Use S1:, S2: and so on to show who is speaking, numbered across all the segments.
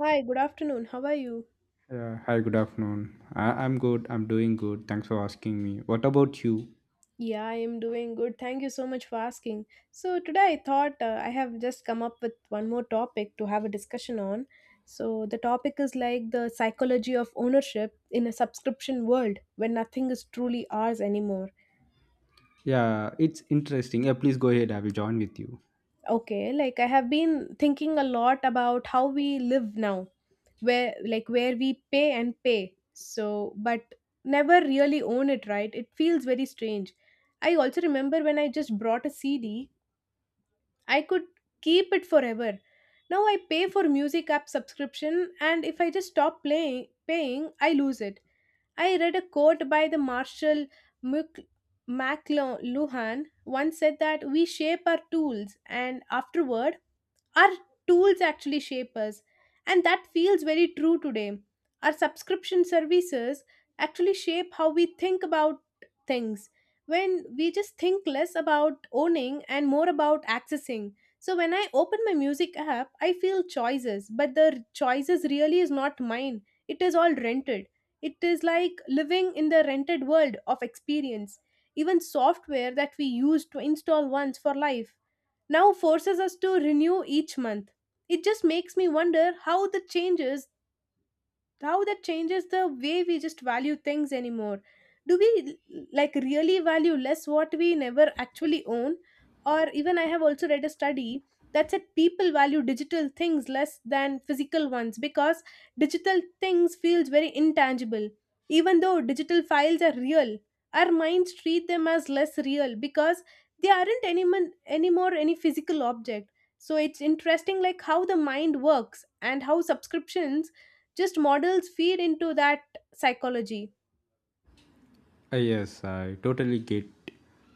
S1: Hi, good afternoon. How are you?
S2: Yeah, hi, good afternoon. I'm good. I'm doing good. Thanks for asking me. What about you?
S1: Yeah, I am doing good. Thank you so much for asking. So, today I thought I have just come up with one more topic to have a discussion on. So, the topic is like the psychology of ownership in a subscription world when nothing is truly ours anymore.
S2: Yeah, it's interesting. Yeah, please go ahead. I will join with you.
S1: Okay, like I have been thinking a lot about how we live now, where like where we pay and pay. So, but never really own it, right? It feels very strange. I also remember when I just brought a CD I could keep it forever. Now I pay for music app subscription and if I just stop playing paying, I lose it. I read a quote by the Marshall Mc- McLuhan once said that we shape our tools, and afterward our tools actually shape us. And that feels very true today. Our subscription services actually shape how we think about things when we just think less about owning and more about accessing. So when I open my music app, I feel choices, but the choices really is not mine. It is all rented. It is like living in the rented world of experience. Even software that we use to install once for life now forces us to renew each month. It just makes me wonder how the changes, how that changes the way we just value things anymore. Do we like really value less what we never actually own? Or even I have also read a study that said people value digital things less than physical ones because digital things feels very intangible. Even though digital files are real, our minds treat them as less real because they aren't any anymore any physical object. So it's interesting like how the mind works and how subscriptions just models feed into that psychology.
S2: Yes, I totally get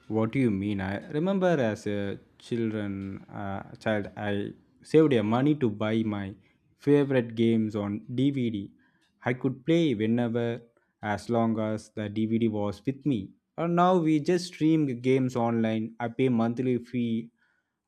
S2: what you mean. I remember as a child, I saved a money to buy my favorite games on DVD. I could play whenever, as long as the DVD was with me. And now we just stream games online. I pay monthly fee,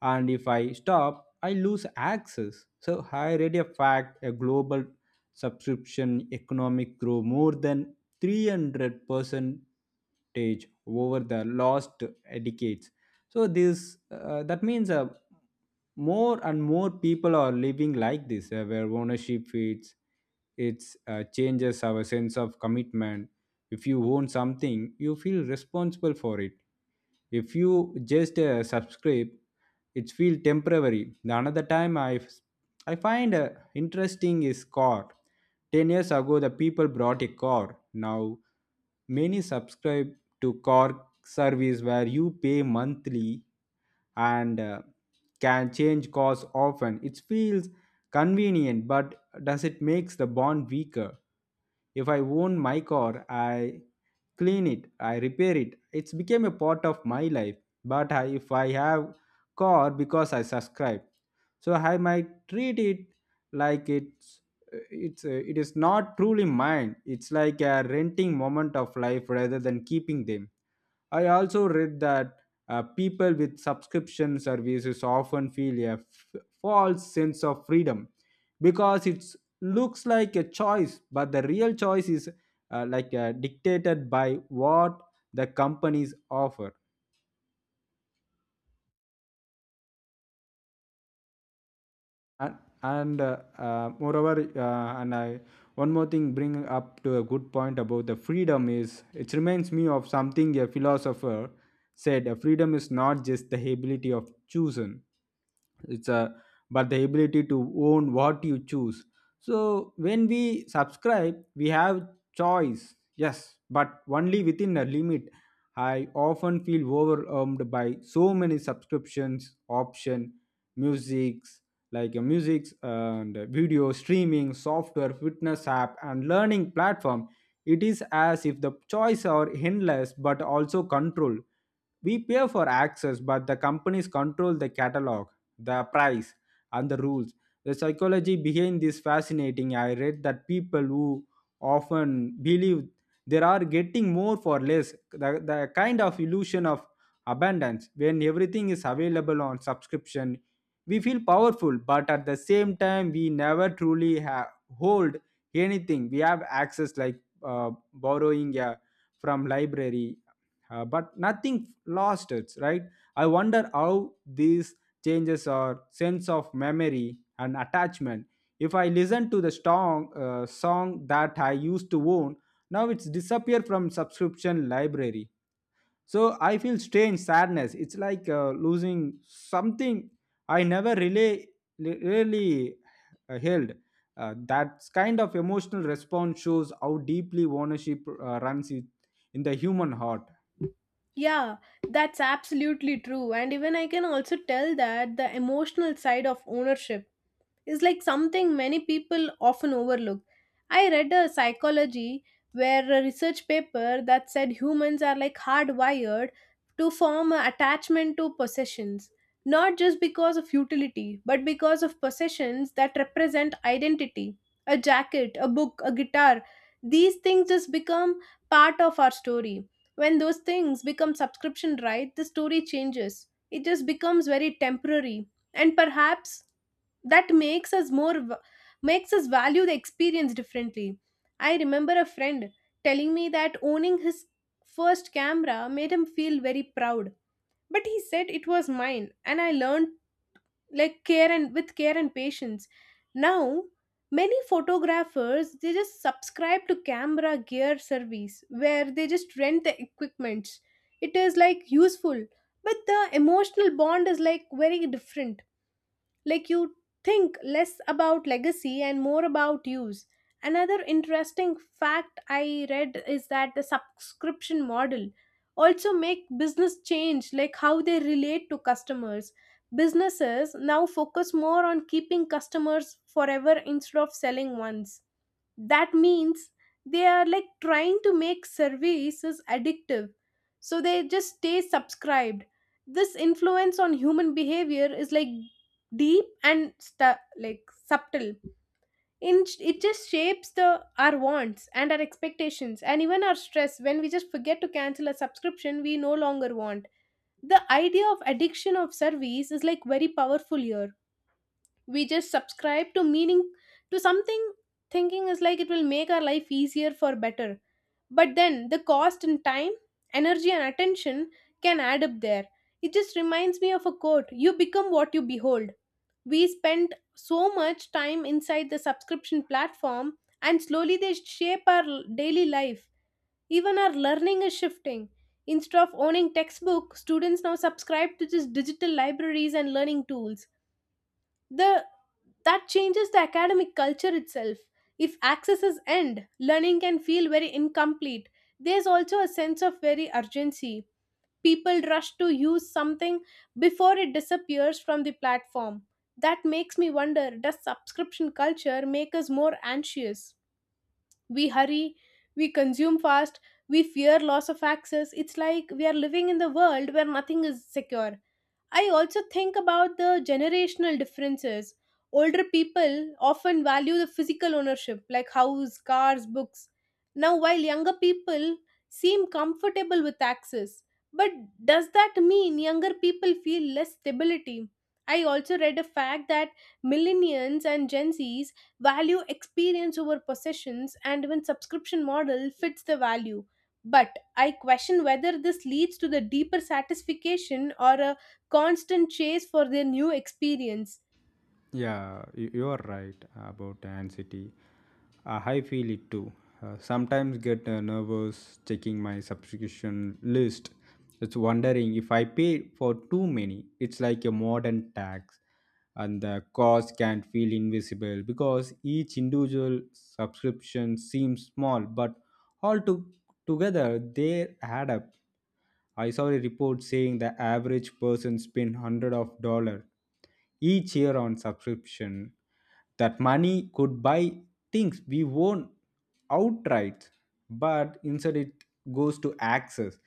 S2: and if I stop, I lose access. So I read a fact, a global subscription economic grew more than 300 percentage over the last decades. So this that means, more and more people are living like this, where ownership feeds it, changes our sense of commitment. If you own something, you feel responsible for it. If you just subscribe, it feel temporary. The another time I find interesting is car. 10 years ago the people brought a car. Now many subscribe to car service where you pay monthly and can change cars often. It feels convenient, but does it makes the bond weaker? If I own my car, I clean it, I repair it, it's became a part of my life. But if I have car because I subscribe, so I might treat it like it is not truly mine. It's like a renting moment of life rather than keeping them. I also read that people with subscription services often feel a false sense of freedom because it looks like a choice, but the real choice is dictated by what the companies offer. And, and moreover, and I one more thing bring up to a good point about the freedom. Is it reminds me of something a philosopher said. Freedom is not just the ability of choosing, it's a but the ability to own what you choose. So when we subscribe, we have choice, yes, but only within a limit. I often feel overwhelmed by so many subscriptions option, musics like music and video streaming software, fitness app, and learning platform. It is as if the choice are endless but also control. We pay for access, but the companies control the catalog, the price, and the rules. The psychology behind this fascinating. I read that people who often believe they are getting more for less, the kind of illusion of abundance. When everything is available on subscription, we feel powerful, but at the same time, we never truly hold anything. We have access, like borrowing from library, but nothing lost it, right? I wonder how these changes our sense of memory and attachment. If I listen to the song that I used to own, now it's disappeared from subscription library. So I feel strange sadness. It's like losing something I never really held. That kind of emotional response shows how deeply ownership runs it in the human heart.
S1: Yeah, that's absolutely true. And even I can also tell that the emotional side of ownership is like something many people often overlook. I read a psychology where a research paper that said humans are like hardwired to form an attachment to possessions, not just because of utility, but because of possessions that represent identity. A jacket, a book, a guitar, these things just become part of our story. When those things become subscription right, the story changes. It just becomes very temporary. And perhaps that makes us more makes us value the experience differently. I remember a friend telling me that owning his first camera made him feel very proud. But he said it was mine and I learned like care and with care and patience. Now many photographers, they just subscribe to camera gear service where they just rent the equipments. It is like useful, but the emotional bond is like very different. Like you think less about legacy and more about use. Another interesting fact I read is that the subscription model also make business change, like how they relate to customers. Businesses now focus more on keeping customers forever instead of selling once. That means they are like trying to make services addictive so they just stay subscribed. This influence on human behavior is like deep and like subtle in it. Just shapes the our wants and our expectations and even our stress when we just forget to cancel a subscription we no longer want. The idea of addiction of service is like very powerful here. We just subscribe to meaning, to something, thinking is like it will make our life easier for better. But then the cost in time, energy and attention can add up there. It just reminds me of a quote, you become what you behold. We spend so much time inside the subscription platform, and slowly they shape our daily life. Even our learning is shifting. Instead of owning textbook, students now subscribe to just digital libraries and learning tools. The that changes the academic culture itself. If accesses end, learning can feel very incomplete. There's also a sense of very urgency. People rush to use something before it disappears from the platform. That makes me wonder, does subscription culture make us more anxious? We hurry, we consume fast, we fear loss of access. It's like we are living in the world where nothing is secure. I also think about the generational differences. Older people often value the physical ownership, like house, cars, books. Now, while younger people seem comfortable with access, but does that mean younger people feel less stability? I also read a fact that millennials and Gen Zs value experience over possessions, and even subscription model fits the value. But I question whether this leads to the deeper satisfaction or a constant chase for their new experience.
S2: Yeah, you are right about anxiety. I feel it too. Sometimes get nervous checking my subscription list. It's wondering if I pay for too many. It's like a modern tax, and the cost can feel invisible because each individual subscription seems small, but all to- together, they add up. I saw a report saying the average person spent hundred of dollar each year on subscription. That money could buy things we won't outright, but instead it goes to access.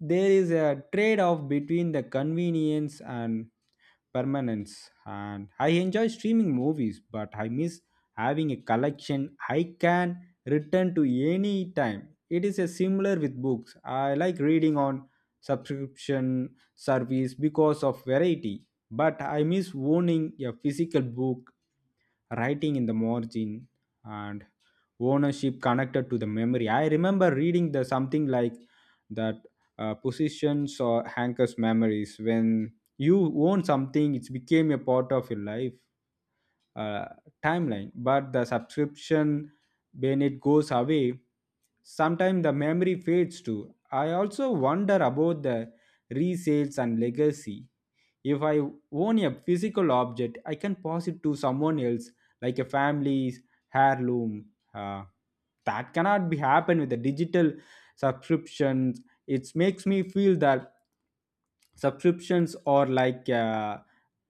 S2: There is a trade-off between the convenience and permanence. And I enjoy streaming movies, but I miss having a collection I can return to any time. It is a similar with books. I like reading on subscription service because of variety, but I miss owning a physical book, writing in the margin, and ownership connected to the memory. I remember reading the something like that positions or anchors memories. When you own something, it became a part of your life uh, timeline. But the subscription, when it goes away, sometimes the memory fades too. I also wonder about the resales and legacy. If I own a physical object, I can pass it to someone else, like a family's heirloom. uh, that cannot be happen with the digital subscriptions. It makes me feel that subscriptions are like uh,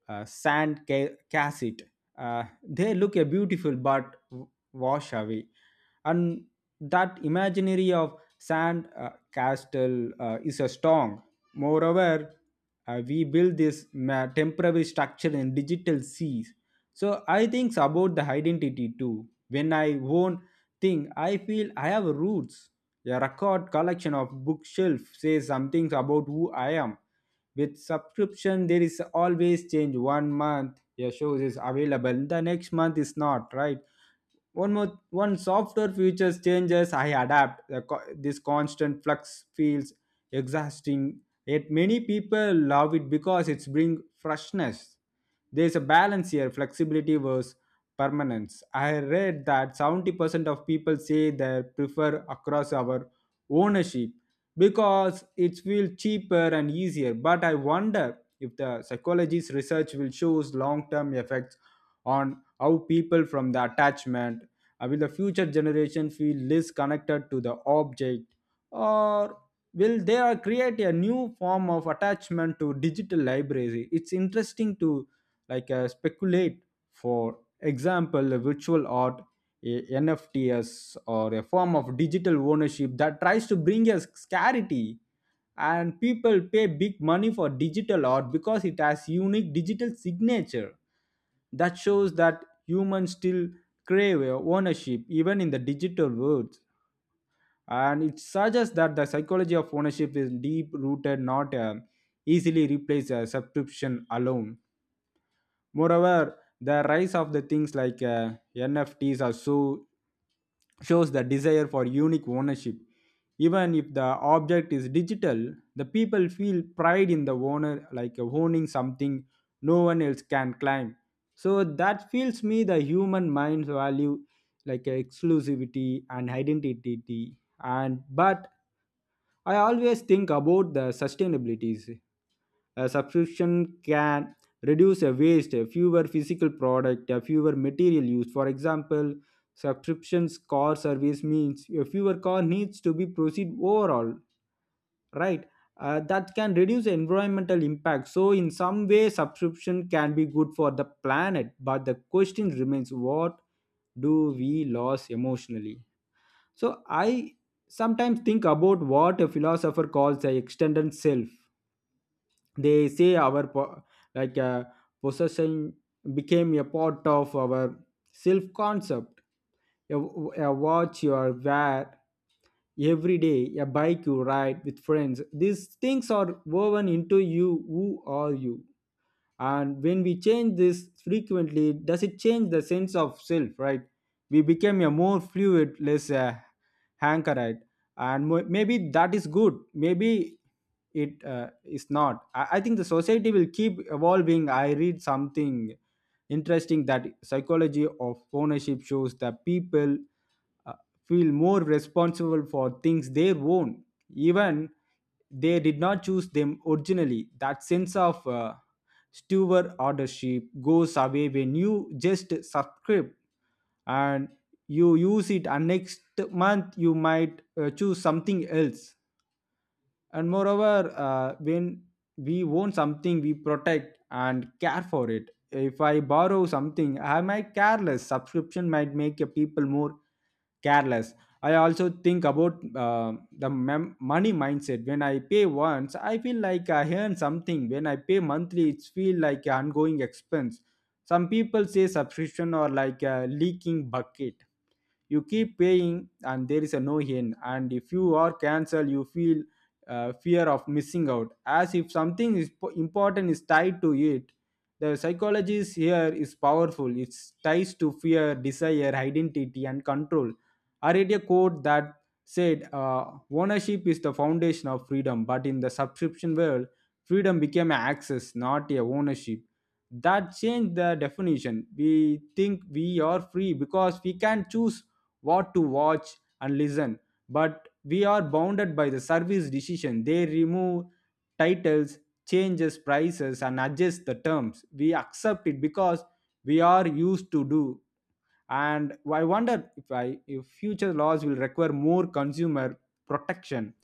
S2: uh, sand cassette. They look a beautiful but wash away. And that imaginary of sand castle is a strong. Moreover, we build this temporary structure in digital seas. So I think about the identity too. When I own thing, I feel I have roots. A record collection of bookshelf says some things about who I am. With subscription, there is always change. One month your shows is available, the next month is not, right? One more one software features changes, I adapt. This constant flux feels exhausting, yet many people love it because it's bring freshness. There's a balance here, flexibility versus permanence. I read that 70% of people say they prefer across our ownership because it feels cheaper and easier, but I wonder if the psychologist research will shows long-term effects on how people from the attachment. Will the future generation feel less connected to the object, or will they are create a new form of attachment to digital library? It's interesting to speculate. For example, a virtual art, a nfts, or a form of digital ownership that tries to bring a scarcity. And people pay big money for digital art because it has unique digital signature. That shows that humans still crave ownership even in the digital world. And it suggests that the psychology of ownership is deep rooted, not easily replaced a subscription alone. Moreover, the rise of the things like NFTs are so shows the desire for unique ownership. Even if the object is digital, the people feel pride in the owner, like owning something no one else can claim. So that feels me the human mind's value, like exclusivity and identity. And but I always think about the sustainabilities. A subscription can reduce a waste, a fewer physical product, a fewer material used. For example, subscriptions car service means a fewer car needs to be proceed overall, right? That can reduce environmental impact, so in some way subscription can be good for the planet. But the question remains, what do we lose emotionally? So I sometimes think about what a philosopher calls the extended self. They say our like uh, possession became a part of our self concept. A watch you are wear every day, a bike you ride with friends. These things are woven into you. Who are you? And when we change this frequently, does it change the sense of self, right? We become a more fluid, less anchored. And maybe that is good, maybe it is not. I think the society will keep evolving. I read something interesting that psychology of ownership shows that people uh, feel more responsible for things they own, even they did not choose them originally. That sense of steward ownership goes away when you just subscribe and you use it, and next month you might choose something else. And moreover, when we own something, we protect and care for it. If I borrow something, am I careless? Subscription might make a people more careless. I also think about uh, the money mindset. When I pay once, I feel like I earn something. When I pay monthly, it's feel like an ongoing expense. Some people say subscription or like a leaking bucket, you keep paying and there is a no end. And if you are cancel, you feel fear of missing out, as if something is important is tied to it. The psychology is here is powerful. It ties to fear, desire, identity, and control. I read a quote that said ownership is the foundation of freedom, but in the subscription world, freedom became an access, not a ownership. That changed the definition. We think we are free because we can choose what to watch and listen, but we are bounded by the service decision. They remove titles, changes prices, and adjust the terms. We accept it because we are used to do. And I wonder if future laws will require more consumer protection.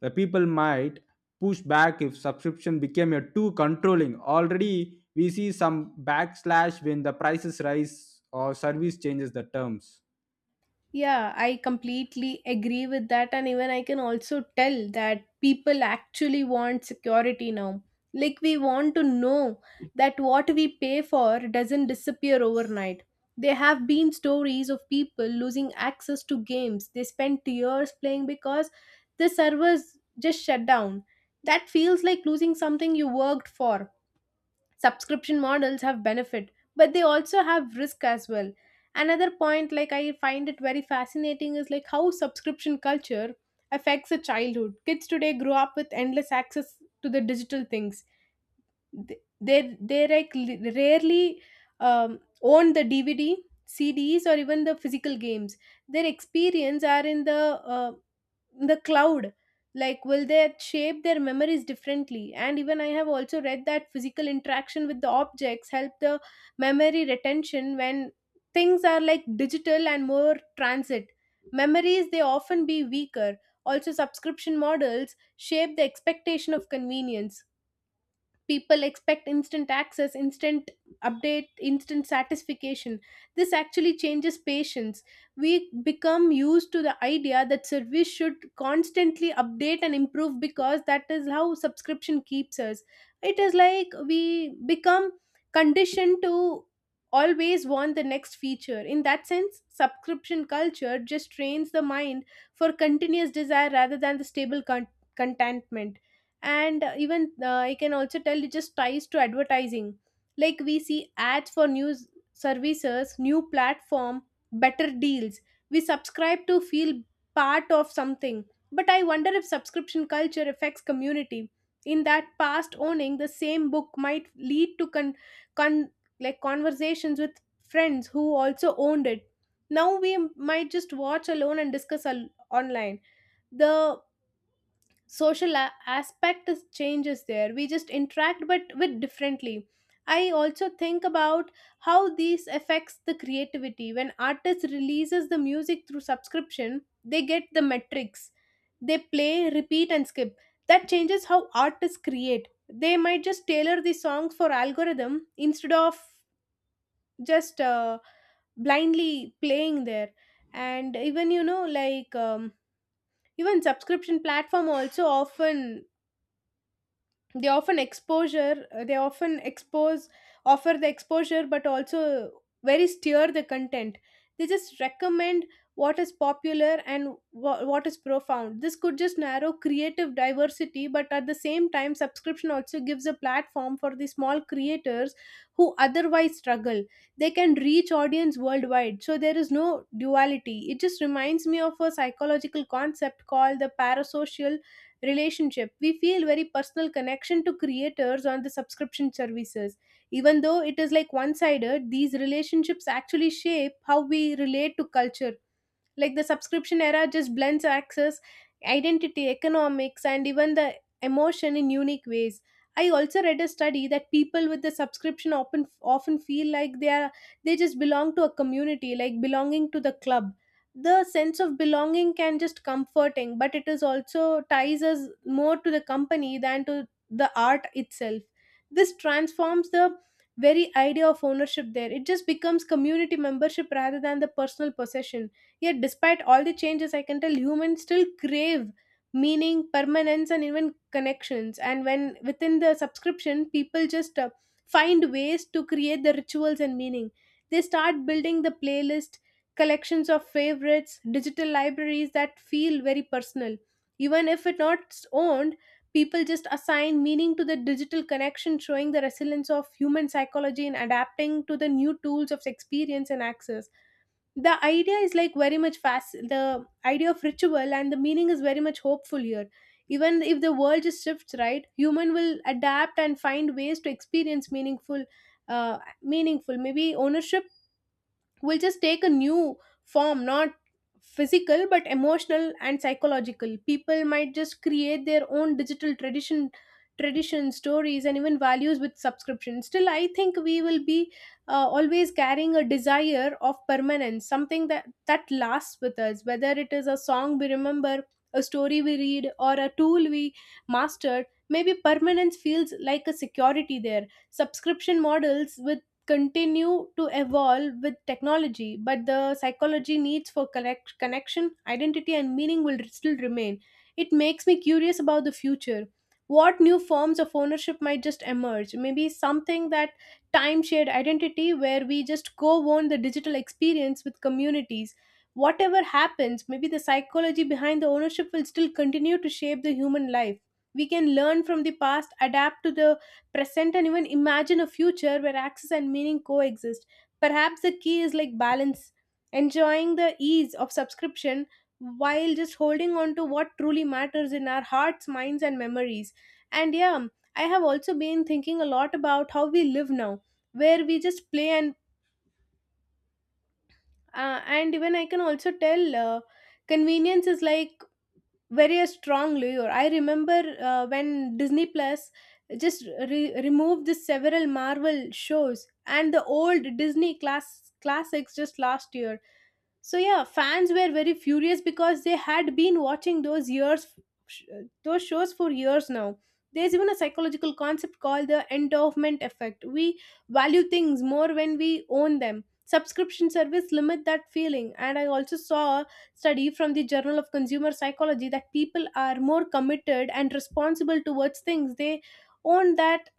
S2: The people might push back if subscription became a too controlling. Already we see some backslash when the prices rise or service changes the terms.
S1: Yeah, I completely agree with that. And even I can also tell that people actually want security now. Like, we want to know that what we pay for doesn't disappear overnight. There have been stories of people losing access to games they spent years playing because the servers just shut down. That feels like losing something you worked for. Subscription models have benefit, but they also have risk as well. Another point like I find it very fascinating is like how subscription culture affects a childhood. Kids today grow up with endless access to the digital things. They like rarely own the DVD, CDs or even the physical games. Their experience are in uh, the cloud. Like will they shape their memories differently? And even I have also read that physical interaction with the objects help the memory retention. When things are like digital and more transit, memories they often be weaker. Also subscription models shape the expectation of convenience. People expect instant access, instant update, instant satisfaction. This actually changes patience. We become used to the idea that service should constantly update and improve because that is how subscription keeps us. It is like we become conditioned to always want the next feature. In that sense, subscription culture just trains the mind for continuous desire rather than the stable contentment. And even I can also tell it just ties to advertising. Like we see ads for news services, new platform, better deals. We subscribe to feel part of something. But I wonder if subscription culture affects community in that past owning the same book might lead to con, con like conversations with friends who also owned it. Now we might just watch alone and discuss online. The social aspect is changes there. We just interact but with differently. I also think about how these affects the creativity. When artist releases the music through subscription, they get the metrics, they play repeat and skip. That changes how artists create. They might just tailor the songs for algorithm instead of just blindly playing there. And even even subscription platform also often they often expose offer the exposure but also very steer the content. They just recommend what is popular and what is profound. This could just narrow creative diversity, but at the same time subscription also gives a platform for the small creators who otherwise struggle. They can reach audience worldwide. So there is no duality. It just reminds me of a psychological concept called the parasocial relationship. We feel very personal connection to creators on the subscription services. Even though it is like one sided, these relationships actually shape how we relate to culture. Like the subscription era just blends access, identity, economics, and even the emotion in unique ways. I also read a study that people with the subscription often feel like they are they just belong to a community, like belonging to the club. The sense of belonging can just comforting, but it is also ties us more to the company than to the art itself. This transforms the very idea of ownership there. It just becomes community membership rather than the personal possession. Yet, despite all the changes, I can tell humans still crave meaning, permanence, and even connections. And when within the subscription, people just find ways to create the rituals and meaning. They start building the playlist, collections of favorites, digital libraries that feel very personal. Even if it's not owned, people just assign meaning to the digital connection, showing the resilience of human psychology in adapting to the new tools of experience and access. The idea is like very much fast. The idea of ritual and the meaning is very much hopeful here. Even if the world just shifts, right, human will adapt and find ways to experience meaningful meaningful maybe ownership will just take a new form, not physical but emotional and psychological. People might just create their own digital tradition stories and even values with subscription. Still, I think we will be always carrying a desire of permanence, something that lasts with us, whether it is a song we remember, a story we read, or a tool we mastered. Maybe permanence feels like a security there. Subscription models with continue to evolve with technology, but the psychology needs for connection, identity, and meaning will still remain. It makes me curious about the future. What new forms of ownership might just emerge? Maybe something that time shared identity, where we just co own the digital experience with communities. Whatever happens, maybe the psychology behind the ownership will still continue to shape the human life. We can learn from the past, adapt to the present, and even imagine a future where access and meaning coexist. Perhaps the key is like balance, enjoying the ease of subscription while just holding on to what truly matters in our hearts, minds, and memories. And yeah, I have also been thinking a lot about how we live now, where we just play and even I can also tell convenience is like very a strong lure. I remember when Disney Plus just removed the several Marvel shows and the old Disney classics just last year. So yeah, fans were very furious because they had been watching those years, sh- those shows for years now. There's even a psychological concept called the endowment effect. We value things more when we own them. Subscription service limit that feeling, and I also saw study from the Journal of Consumer Psychology that people are more committed and responsible towards things they own that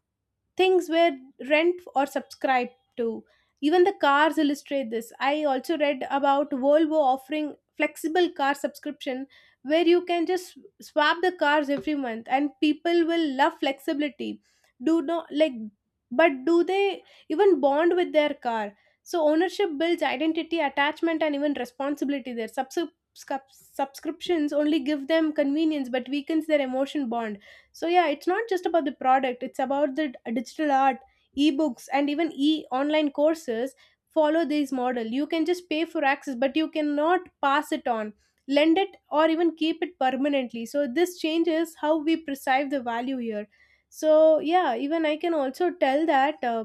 S1: things were rent or subscribe to. Even the cars illustrate this. I also read about Volvo offering flexible car subscription where you can just swap the cars every month, and people will love flexibility. Do not like, but do they even bond with their car? So ownership builds identity, attachment, and even responsibility there. Subscriptions only give them convenience but weakens their emotion bond. So yeah, it's not just about the product, it's about the digital art, ebooks, and even e online courses follow this model. You can just pay for access, but you cannot pass it on, lend it, or even keep it permanently. So this changes how we perceive the value here. So yeah, even I can also tell that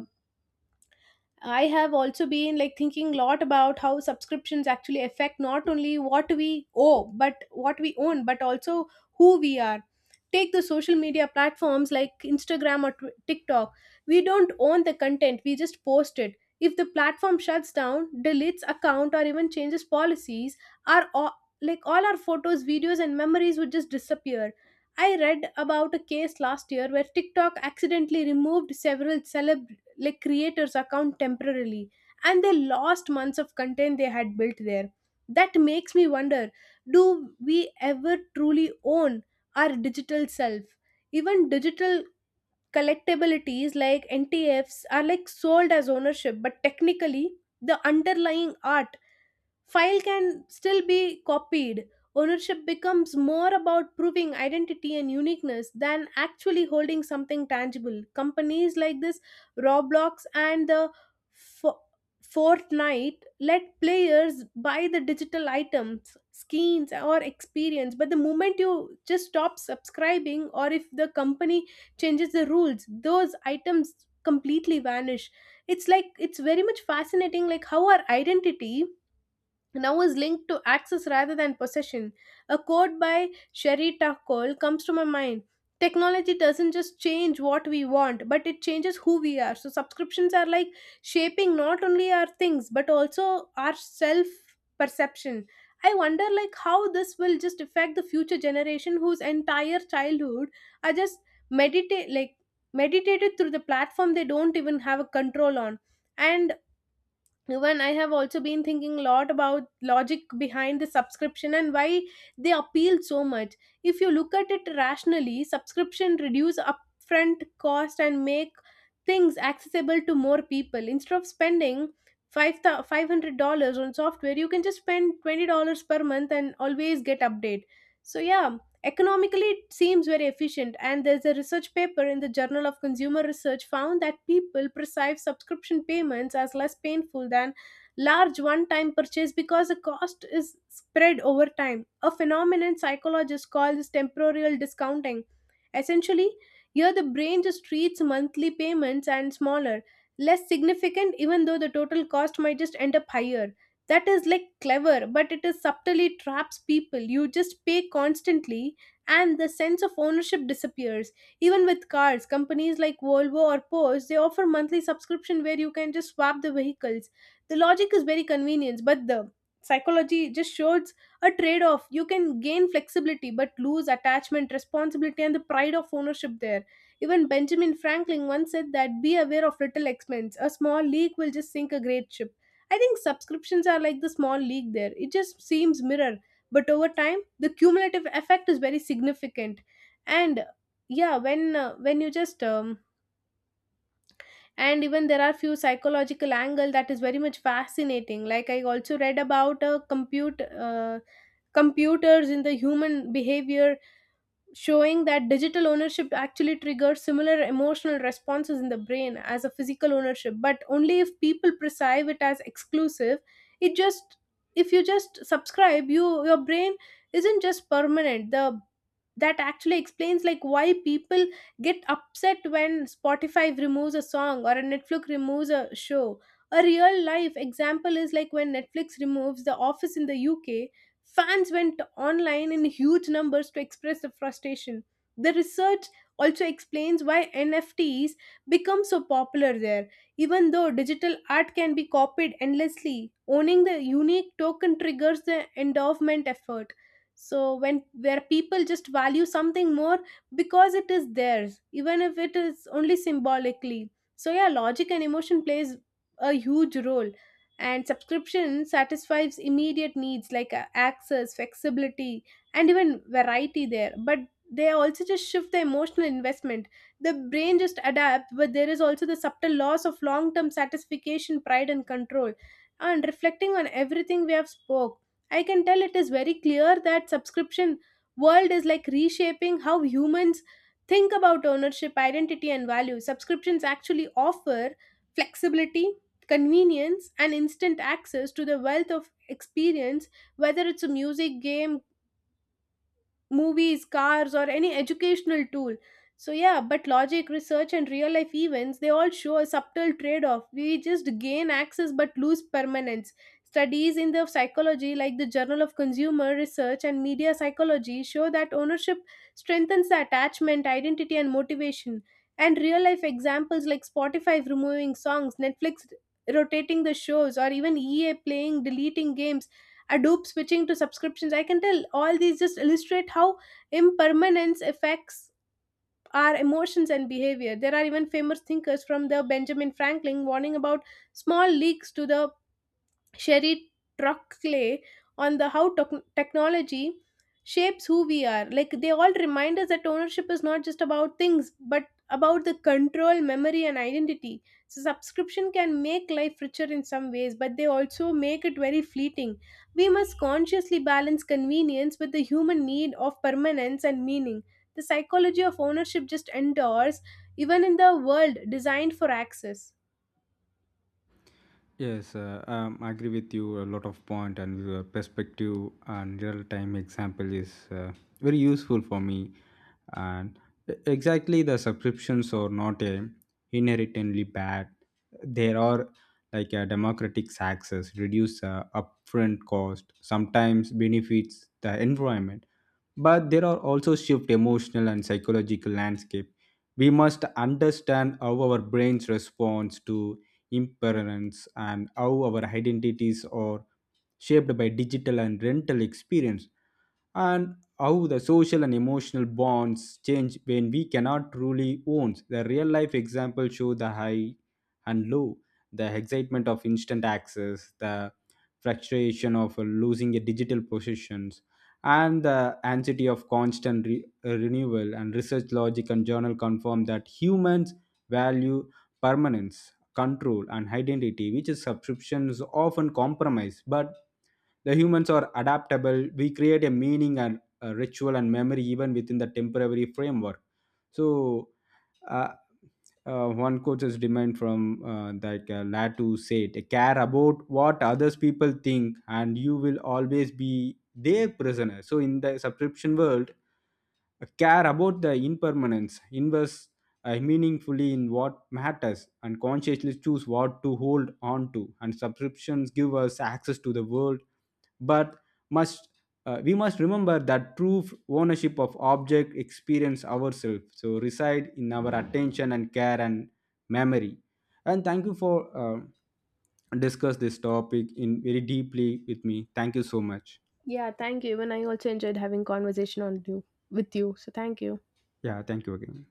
S1: I have also been like thinking a lot about how subscriptions actually affect not only what we owe, but what we own, but also who we are. Take the social media platforms like Instagram or TikTok. We don't own the content, we just post it. If the platform shuts down, deletes account, or even changes policies, our all, like all our photos, videos, and memories would just disappear. I read about a case last year where TikTok accidentally removed several celeb, like creators account temporarily, and they lost months of content they had built there. That makes me wonder, do we ever truly own our digital self? Even digital collectabilities like ntfs are like sold as ownership, but technically the underlying art file can still be copied. Ownership becomes more about proving identity and uniqueness than actually holding something tangible. Companies like this, roblox and the Fo- fortnite, let players buy the digital items, skins, or experience, but the moment you just stop subscribing or if the company changes the rules, those items completely vanish. It's like, it's very much fascinating like how our identity now is linked to access rather than possession. A quote by Sherry Cole comes to my mind. Technology doesn't just change what we want, but it changes who we are. So subscriptions are like shaping not only our things but also our self perception. I wonder like how this will just affect the future generation whose entire childhood are just meditate like meditated through the platform they don't even have a control on. And even I have also been thinking a lot about logic behind the subscription and why they appeal so much. If you look at it rationally, subscription reduce upfront cost and make things accessible to more people. Instead of spending five $500 on software, you can just spend $20 per month and always get update. So yeah, economically, it seems very efficient, and there's a research paper in the Journal of Consumer Research found that people perceive subscription payments as less painful than large one time purchase because the cost is spread over time. A phenomenon psychologists call this temporal discounting. Essentially, here the brain just treats monthly payments and smaller, less significant, even though the total cost might just end up higher. That is like clever, but it is subtly traps people. You just pay constantly and the sense of ownership disappears. Even with cars, companies like Volvo or Porsche, they offer monthly subscription where you can just swap the vehicles. The logic is very convenient, but the psychology just shows a trade off. You can gain flexibility but lose attachment, responsibility, and the pride of ownership there. Even Benjamin Franklin once said that be aware of little expense. A small leak will just sink a great ship. I think subscriptions are like the small leak there. It just seems mirror, but over time the cumulative effect is very significant. And yeah, when you just and even there are few psychological angle that is very much fascinating. Like I also read about computers in the human behavior showing that digital ownership actually triggers similar emotional responses in the brain as a physical ownership, but only if people perceive it as exclusive. It just, if you just subscribe, you your brain isn't just permanent. The, that actually explains like why people get upset when spotify removes a song or a netflix removes a show. A real life example is like when netflix removes the office in the uk. Fans went online in huge numbers to express their frustration. The research also explains why NFTs become so popular there. Even though digital art can be copied endlessly, owning the unique token triggers the endowment effort. So when where people just value something more because it is theirs, even if it is only symbolically. So yeah, logic and emotion plays a huge role, and subscription satisfies immediate needs like access, flexibility, and even variety there, but they also just shift the emotional investment. The brain just adapts, but there is also the subtle loss of long term satisfaction, pride, and control. And reflecting on everything we have spoke, I can tell it is very clear that subscription world is like reshaping how humans think about ownership, identity, and value. Subscriptions actually offer flexibility, convenience, and instant access to the wealth of experience, whether it's a music, game, movies, cars, or any educational tool. So yeah, but logic, research, and real life events, they all show a subtle trade off. We just gain access but lose permanence. Studies in the psychology, like the Journal of Consumer Research and Media Psychology, show that ownership strengthens the attachment, identity, and motivation. And real life examples like Spotify removing songs, Netflix rotating the shows, or even EA playing deleting games, Adobe switching to subscriptions. I can tell all these just illustrate how impermanence affects our emotions and behavior. There are even famous thinkers from the Benjamin Franklin warning about small leaks to the Sherry Trockley on the how technology shapes who we are. Like they all remind us that ownership is not just about things, but about the control, memory, and identity. So subscription can make life richer in some ways, but they also make it very fleeting. We must consciously balance convenience with the human need of permanence and meaning. The psychology of ownership just endures even in the world designed for access.
S2: Yes, I agree with you a lot of point and your perspective, and real time example is very useful for me. And exactly, the subscriptions are not a inherently bad. There are like a democratic access, reduce upfront cost, sometimes benefits the environment, but there are also shift emotional and psychological landscape. We must understand how our brains responds to impermanence, and how our identities are shaped by digital and rental experience, and how the social and emotional bonds change when we cannot truly own. The real life example show the high and low, the excitement of instant access, the frustration of losing a digital possessions, and the anxiety of constant renewal. And research logic and journal confirm that humans value permanence, control, and identity, which is subscriptions often compromise. But the humans are adaptable. We create a meaning and a ritual and memory even within the temporary framework. So, uh, one quote is demand from that Latu said, "Care about what others people think, and you will always be their prisoner." So in the subscription world, care about the impermanence, invest meaningfully in what matters, and consciously choose what to hold on to. And subscriptions give us access to the world, but must we must remember that true ownership of object experience ourselves so reside in our attention and care and memory. And thank you for discuss this topic in very deeply with me. Thank you so much.
S1: Yeah, thank you. Even I also enjoyed having conversation on you with you. So thank you.
S2: Yeah, thank you again.